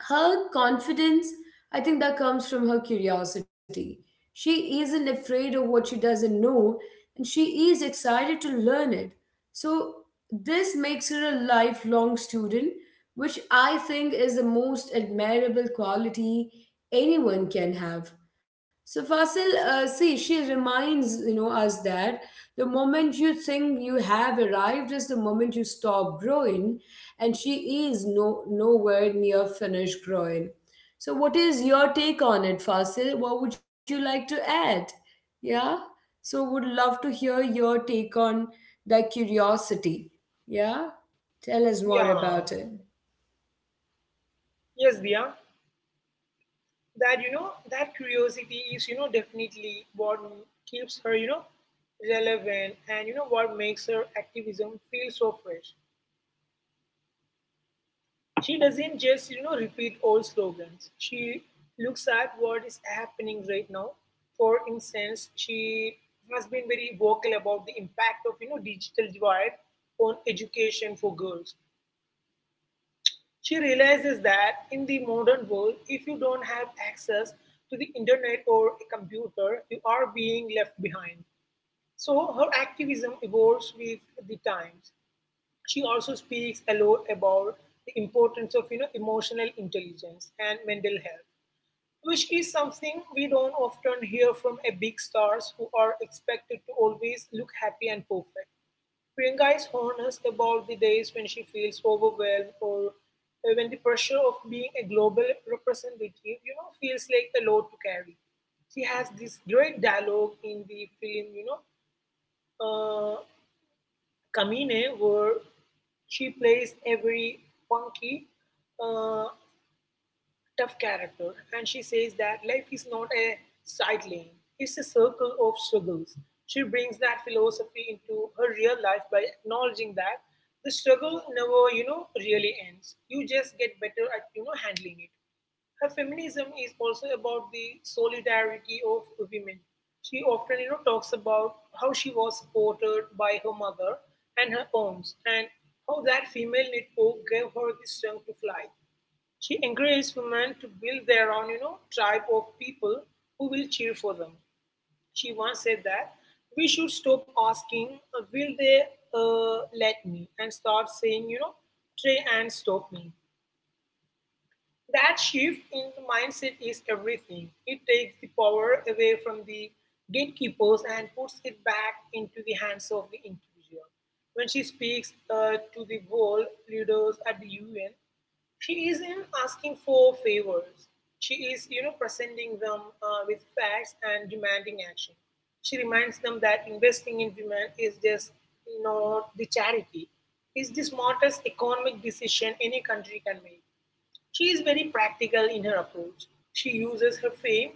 her confidence, I think that comes from her curiosity. She isn't afraid of what she doesn't know, and she is excited to learn it. So this makes her a lifelong student, which I think is the most admirable quality anyone can have. So Fasil, see, she reminds us that the moment you think you have arrived is the moment you stop growing, and she is no nowhere near finished growing. So, what is your take on it, Fasil? What would you like to add? Yeah. So, would love to hear your take on that curiosity. Yeah.
Yeah.
Tell us more about it.
Yes, Dia, that curiosity is definitely what keeps her relevant and what makes her activism feel so fresh. She doesn't just, repeat old slogans. She looks at what is happening right now. For instance, she has been very vocal about the impact of, digital divide on education for girls. She realizes that in the modern world, if you don't have access to the internet or a computer, you are being left behind. So her activism evolves with the times. She also speaks a lot about the importance of emotional intelligence and mental health, which is something we don't often hear from a big stars who are expected to always look happy and perfect. Priyanka is honest about the days when she feels overwhelmed or when the pressure of being a global representative, feels like a load to carry. She has this great dialogue in the film, uh, Kamine, where she plays a very punky, uh, tough character, and she says that life is not a side lane, it's a circle of struggles. She brings that philosophy into her real life by acknowledging that the struggle never, really ends. You just get better at, handling it. Her feminism is also about the solidarity of women. She often, talks about how she was supported by her mother and her aunts, and how that female network gave her the strength to fly. She encouraged women to build their own, tribe of people who will cheer for them. She once said that we should stop asking, "Will they let me?" and start saying, "Try and stop me." That shift in the mindset is everything. It takes the power away from the gatekeepers and puts it back into the hands of the individual. When she speaks to the world leaders at the UN, she isn't asking for favors. She is, presenting them with facts and demanding action. She reminds them that investing in women is just not the charity. It's the smartest economic decision any country can make. She is very practical in her approach. She uses her fame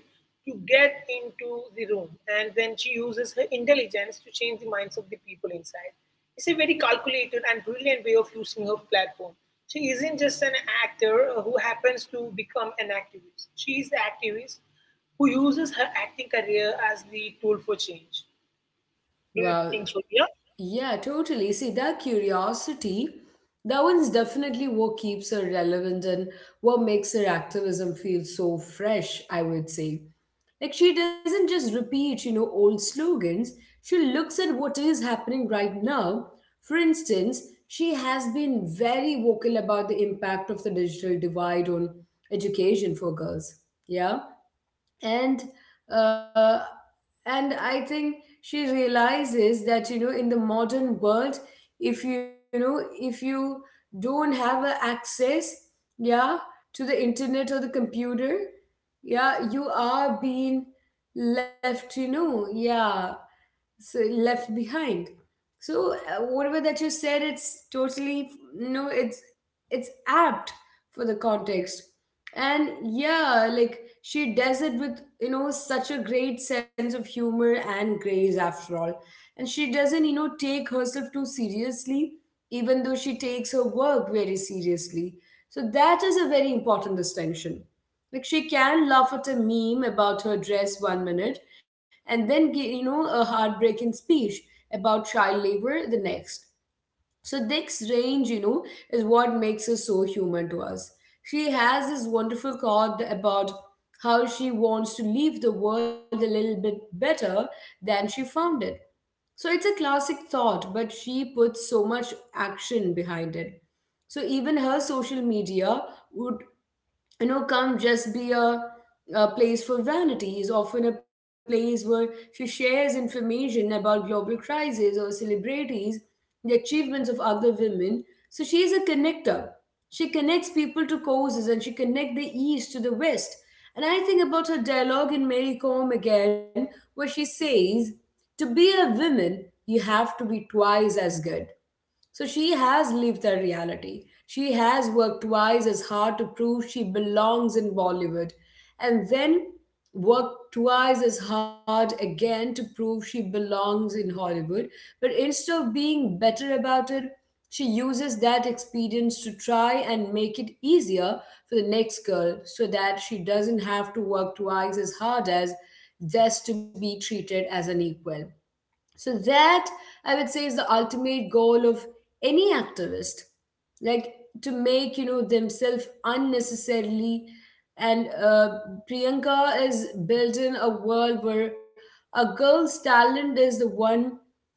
to get into the room, and then she uses her intelligence to change the minds of the people inside. It's a very calculated and brilliant way of using her platform. She isn't just an actor who happens to become an activist. She is the activist who uses her acting career as the tool for change. Do you think
Wow.
so? Yeah.
Yeah, totally. See, that curiosity, that one's definitely what keeps her relevant and what makes her activism feel so fresh, I would say. Like, she doesn't just repeat, old slogans. She looks at what is happening right now. For instance, she has been very vocal about the impact of the digital divide on education for girls. Yeah, and uh, and I think she realizes that, in the modern world, if you don't have a access, yeah, to the internet or the computer, yeah, you are being left, you know, yeah, so left behind. So, whatever that you said, it's totally, no, it's, it's apt for the context. And yeah, like, she does it with, such a great sense of humor and grace after all, and she doesn't, take herself too seriously, even though she takes her work very seriously. So that is a very important distinction. Like, she can laugh at a meme about her dress one minute, and then give, a heartbreaking speech about child labor the next. So this range, is what makes her so human to us. She has this wonderful thought about how she wants to leave the world a little bit better than she found it. So it's a classic thought, but she puts so much action behind it. So even her social media would can't just be a place for vanity. It's often a place where she shares information about global crises or celebrities, the achievements of other women. So she's a connector. She connects people to causes, and she connects the East to the West. And I think about her dialogue in Mary Comb again, where she says, "To be a woman, you have to be twice as good." So she has lived that reality. She has worked twice as hard to prove she belongs in Bollywood, and then worked twice as hard again to prove she belongs in Hollywood. But instead of being better about it, she uses that experience to try and make it easier for the next girl, so that she doesn't have to work twice as hard as just to be treated as an equal. So that, I would say, is the ultimate goal of any activist, like, to make, themselves unnecessarily. And Priyanka is building a world where a girl's talent is the one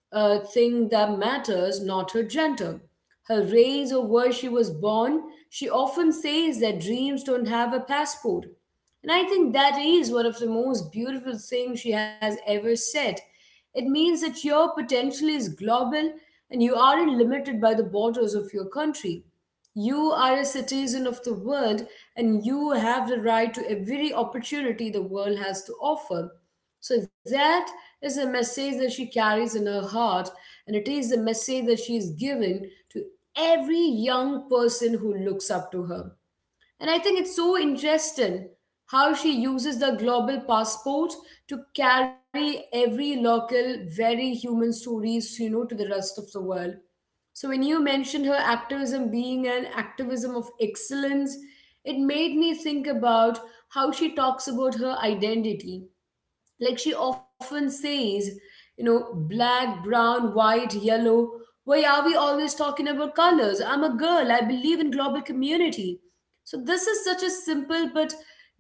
thing that matters, not her gender, her race, or where she was born. She often says that dreams don't have a passport. And I think that is one of the most beautiful things she has ever said. It means that your potential is global, and you aren't limited by the borders of your country. You are a citizen of the world, and you have the right to every opportunity the world has to offer. So, that is a message that she carries in her heart, and it is the message that she is given to every young person who looks up to her. And I think it's so interesting how she uses the global passport to carry every local, very human stories, to the rest of the world. So when you mentioned her activism being an activism of excellence, it made me think about how she talks about her identity. Like, she often says, black, brown, white, yellow. Why are we always talking about colors? I'm a girl. I believe in global community. So this is such a simple but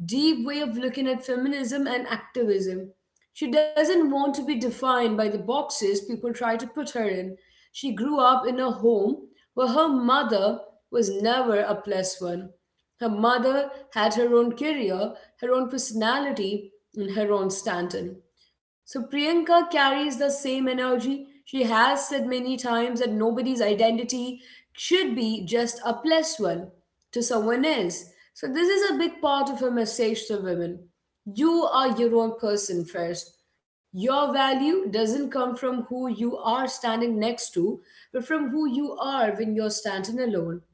deep way of looking at feminism and activism. She doesn't want to be defined by the boxes people try to put her in. She grew up in a home where her mother was never a plus one. Her mother had her own career, her own personality, and her own Stanton. So Priyanka carries the same energy. She has said many times that nobody's identity should be just a plus one to someone else. So this is a big part of her message to women. You are your own person first. Your value doesn't come from who you are standing next to, but from who you are when you're standing alone.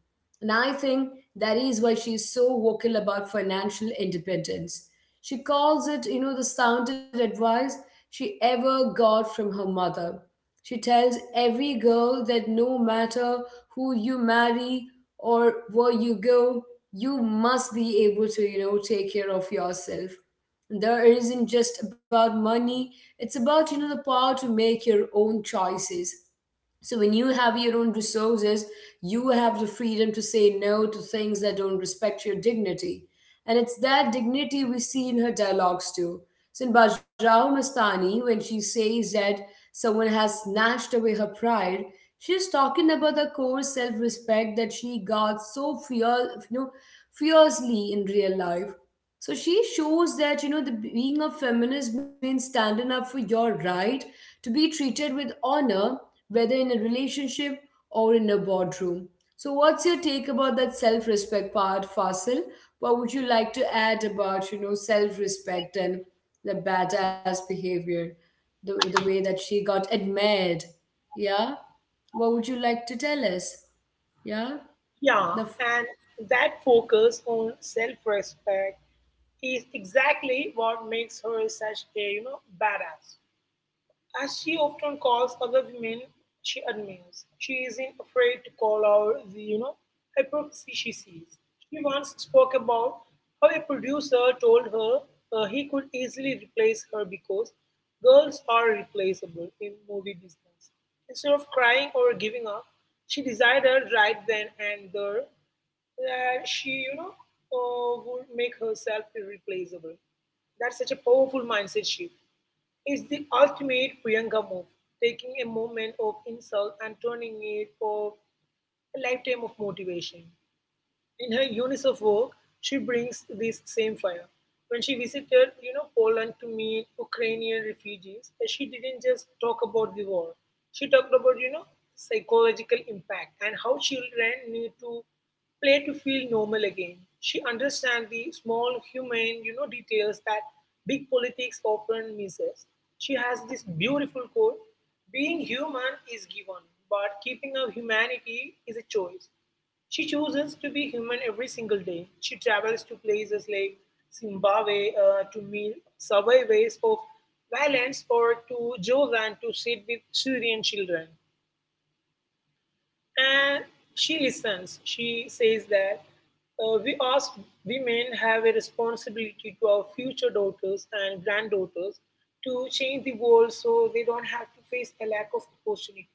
And I think that is why she is so vocal about financial independence. She calls it, the sounded advice she ever got from her mother. She tells every girl that no matter who you marry or where you go, you must be able to, take care of yourself. There isn't just about money, it's about, the power to make your own choices. So when you have your own resources, you have the freedom to say no to things that don't respect your dignity. And it's that dignity we see in her dialogues too. So in Bajrao Mastani, when she says that someone has snatched away her pride, she's talking about the core self-respect that she got so fiercely in real life. So she shows that, the being a feminist means standing up for your right to be treated with honor, whether in a relationship or in a boardroom. So what's your take about that self-respect part, Fasil? What would you like to add about, self-respect and the badass behavior, the way that she got admired? Yeah? What would you like to tell us? Yeah?
Yeah,
The f-
and that focus on self-respect is exactly what makes her such a, badass. As she often calls other women she admires, she isn't afraid to call out the, hypocrisy she sees. She once spoke about how a producer told her, he could easily replace her because girls are replaceable in movie business. Instead of crying or giving up, she decided right then and there that she, would make herself irreplaceable. That's such a powerful mindset shift is the ultimate Priyanka move, taking a moment of insult and turning it for a lifetime of motivation. In her UNICEF work, she brings this same fire. When she visited, Poland to meet Ukrainian refugees, she didn't just talk about the war. She talked about, psychological impact and how children need to play to feel normal again. She understands the small human, details that big politics often misses. She has this beautiful quote: "Being human is given, but keeping our humanity is a choice." She chooses to be human every single day. She travels to places like Zimbabwe to meet survivors of violence or to Jordan to sit with Syrian children. And she listens. She says that, we as women have a responsibility to our future daughters and granddaughters to change the world so they don't have to face a lack of opportunity.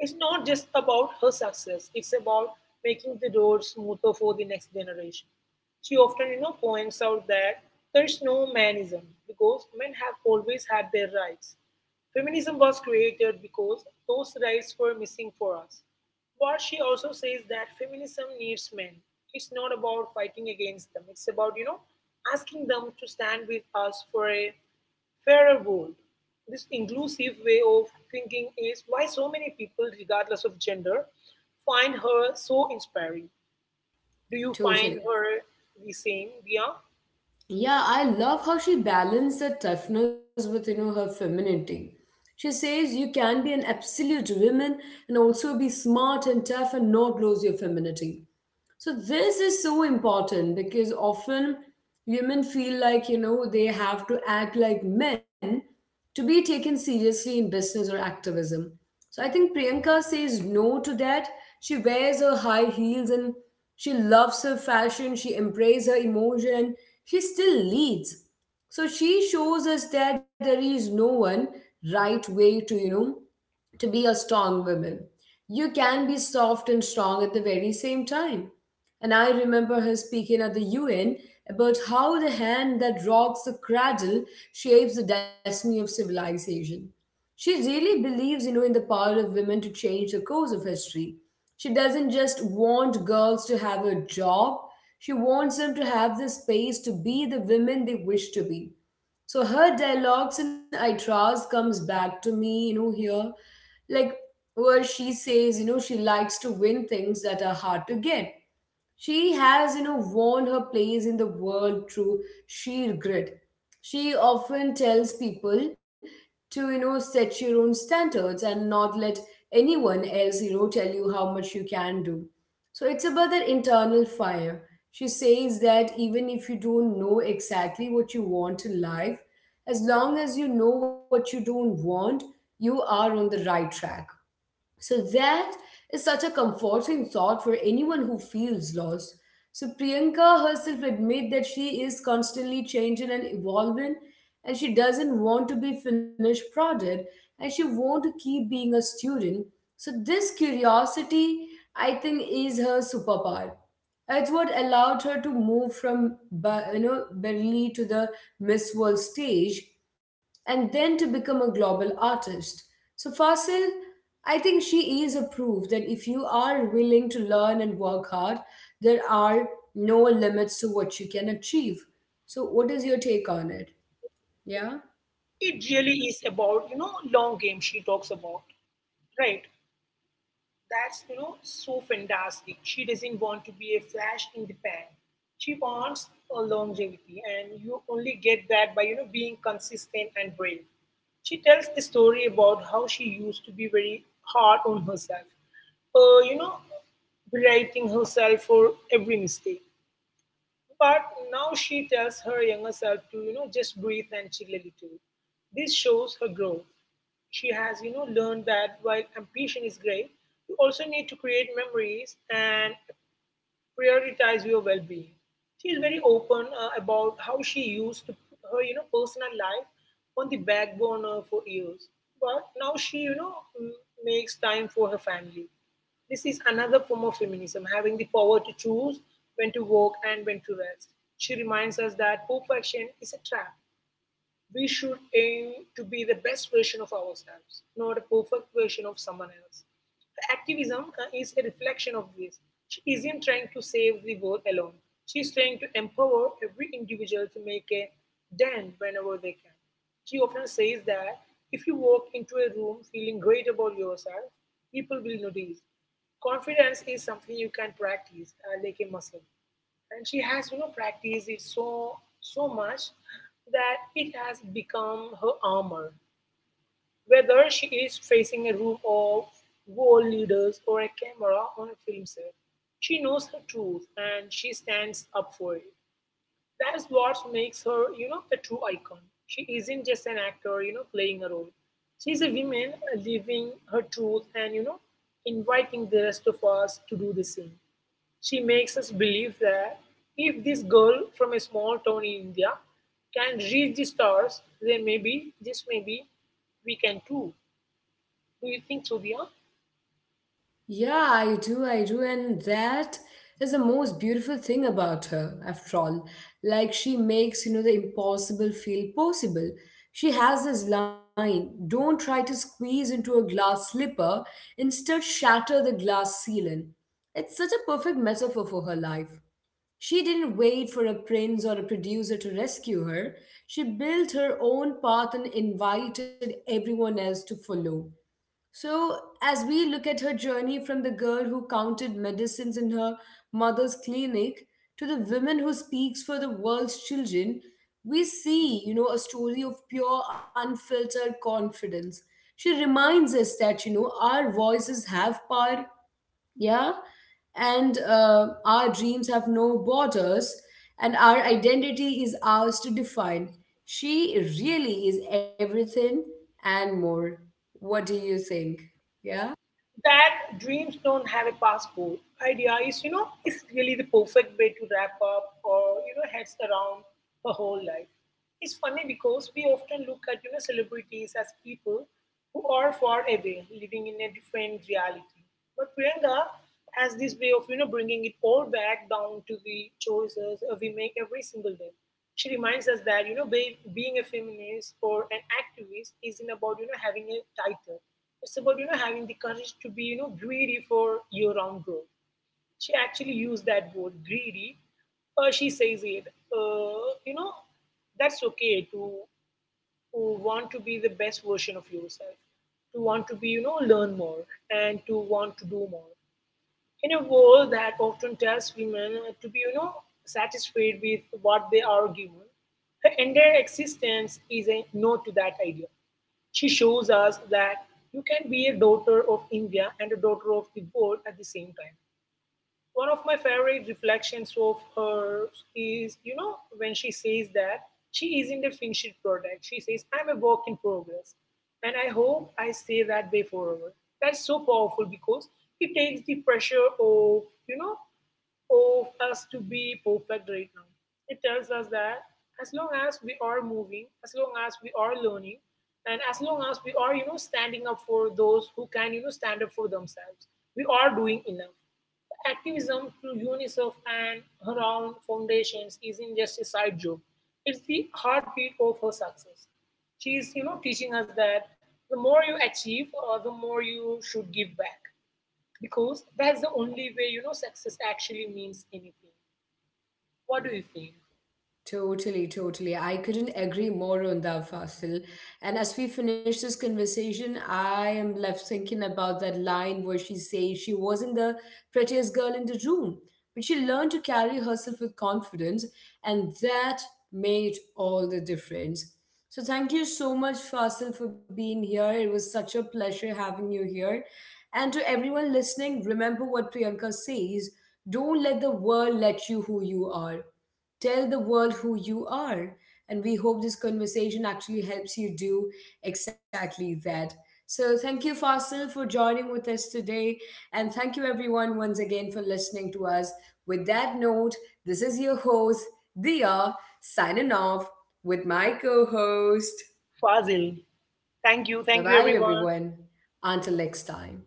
It's not just about her success, it's about making the road smoother for the next generation. She often, points out that there's no manism because men have always had their rights. Feminism was created because those rights were missing for us. But she also says that feminism needs men. It's not about fighting against them. It's about, asking them to stand with us for a fairer world. This inclusive way of thinking is why so many people, regardless of gender, find her so inspiring. Do you find
Totally.
her the same, Dia?
Yeah, I love how she balanced the toughness with, her femininity. She says you can be an absolute woman and also be smart and tough and not lose your femininity. So this is so important because often women feel like, they have to act like men to be taken seriously in business or activism. So I think Priyanka says no to that. She wears her high heels, and she loves her fashion, she embraces her emotion, and she still leads. So she shows us that there is no one right way to, to be a strong woman. You can be soft and strong at the very same time. And I remember her speaking at the UN about how the hand that rocks the cradle shapes the destiny of civilization. She really believes, in the power of women to change the course of history. She doesn't just want girls to have a job, she wants them to have the space to be the women they wish to be. So her dialogues in Itras comes back to me, here, like where she says, she likes to win things that are hard to get. She has, won her place in the world through sheer grit. She often tells people to, set your own standards and not let anyone else, tell you how much you can do. So it's about that internal fire. She says that even if you don't know exactly what you want in life, as long as you know what you don't want, you are on the right track. So that is such a comforting thought for anyone who feels lost. So Priyanka herself admit that she is constantly changing and evolving and she doesn't want to be finished product and she want to keep being a student. So this curiosity I think is her superpower. It's what allowed her to move from Berlin to the Miss World stage and then to become a global artist. So, Fasil, I think she is a proof that if you are willing to learn and work hard, there are no limits to what you can achieve. So, what is your take on it? Yeah?
It really is about, long game she talks about, right? That's, so fantastic. She doesn't want to be a flash in the pan. She wants a longevity, and you only get that by, being consistent and brave. She tells the story about how she used to be very hard on herself, uh, you know, berating herself for every mistake. But now she tells her younger self to, just breathe and chill a little. This shows her growth. She has, learned that while ambition is great, you also need to create memories and prioritize your well-being. She is very open about how she used to put her, personal life on the back burner for years, but now she, m- makes time for her family. This is another form of feminism, having the power to choose when to work and when to rest. She reminds us that perfection is a trap. We should aim to be the best version of ourselves, not a perfect version of someone else. The Activism is a reflection of this. She isn't trying to save the world alone. She's trying to empower every individual to make a dent whenever they can. She often says that if you walk into a room feeling great about yourself, people will notice. Confidence is something you can practice like a muscle, and she has, practiced it so much that it has become her armor. Whether she is facing a room of world leaders or a camera on a film set, she knows her truth and she stands up for it. That's what makes her, a true icon. She isn't just an actor, playing a role. She's a woman living her truth and, inviting the rest of us to do the same. She makes us believe that if this girl from a small town in India can reach the stars, then maybe, just maybe, we can too. Do you think so, Dia?
Yeah, I do, I do. And that is the most beautiful thing about her, after all. She makes the impossible feel possible. She has this line, don't try to squeeze into a glass slipper, instead shatter the glass ceiling. It's such a perfect metaphor for her life. She didn't wait for a prince or a producer to rescue her. She built her own path and invited everyone else to follow. So, as we look at her journey from the girl who counted medicines in her mother's clinic to the woman who speaks for the world's children, we see, a story of pure, unfiltered confidence. She reminds us that, our voices have power, yeah, and our dreams have no borders, and our identity is ours to define. She really is everything and more. What do you think? Yeah?
That dreams don't have a passport idea is, is really the perfect way to wrap up or, heads around her whole life. It's funny because we often look at, celebrities as people who are far away living in a different reality, but Priyanka has this way of, bringing it all back down to the choices we make every single day. She reminds us that, being a feminist or an activist isn't about, having a title. It's about, having the courage to be, greedy for your-own growth. She actually used that word greedy. She says it. That's okay to want to be the best version of yourself, to want to be, learn more, and to want to do more in a world that often tells women to be, satisfied with what they are given, her entire existence is a no to that idea. She shows us that you can be a daughter of India and a daughter of the world at the same time. One of my favorite reflections of hers is, when she says that she isn't a finished product. She says, I'm a work in progress. And I hope I stay that way forever. That's so powerful because it takes the pressure of, you know, of us to be perfect right now. It tells us that as long as we are moving, as long as we are learning, and as long as we are, standing up for those who can, stand up for themselves, we are doing enough. Activism through UNICEF and her own foundations isn't just a side job. It's the heartbeat of her success. She is, teaching us that the more you achieve, the more you should give back, because that's the only way, success actually means anything. What do you think,
Totally, totally. I couldn't agree more on that, Fasil. And as we finish this conversation, I am left thinking about that line where she says she wasn't the prettiest girl in the room, but she learned to carry herself with confidence, and that made all the difference. So thank you so much, Fasil, for being here. It was such a pleasure having you here. And to everyone listening, remember what Priyanka says, don't let the world let you who you are. Tell the world who you are. And we hope this conversation actually helps you do exactly that. So, thank you, Fasil, for joining with us today. And thank you, everyone, once again for listening to us. With that note, this is your host, Dia, signing off with my co host.
Fazil?
Bye
Thank
bye,
you, everyone.
everyone. Until next time.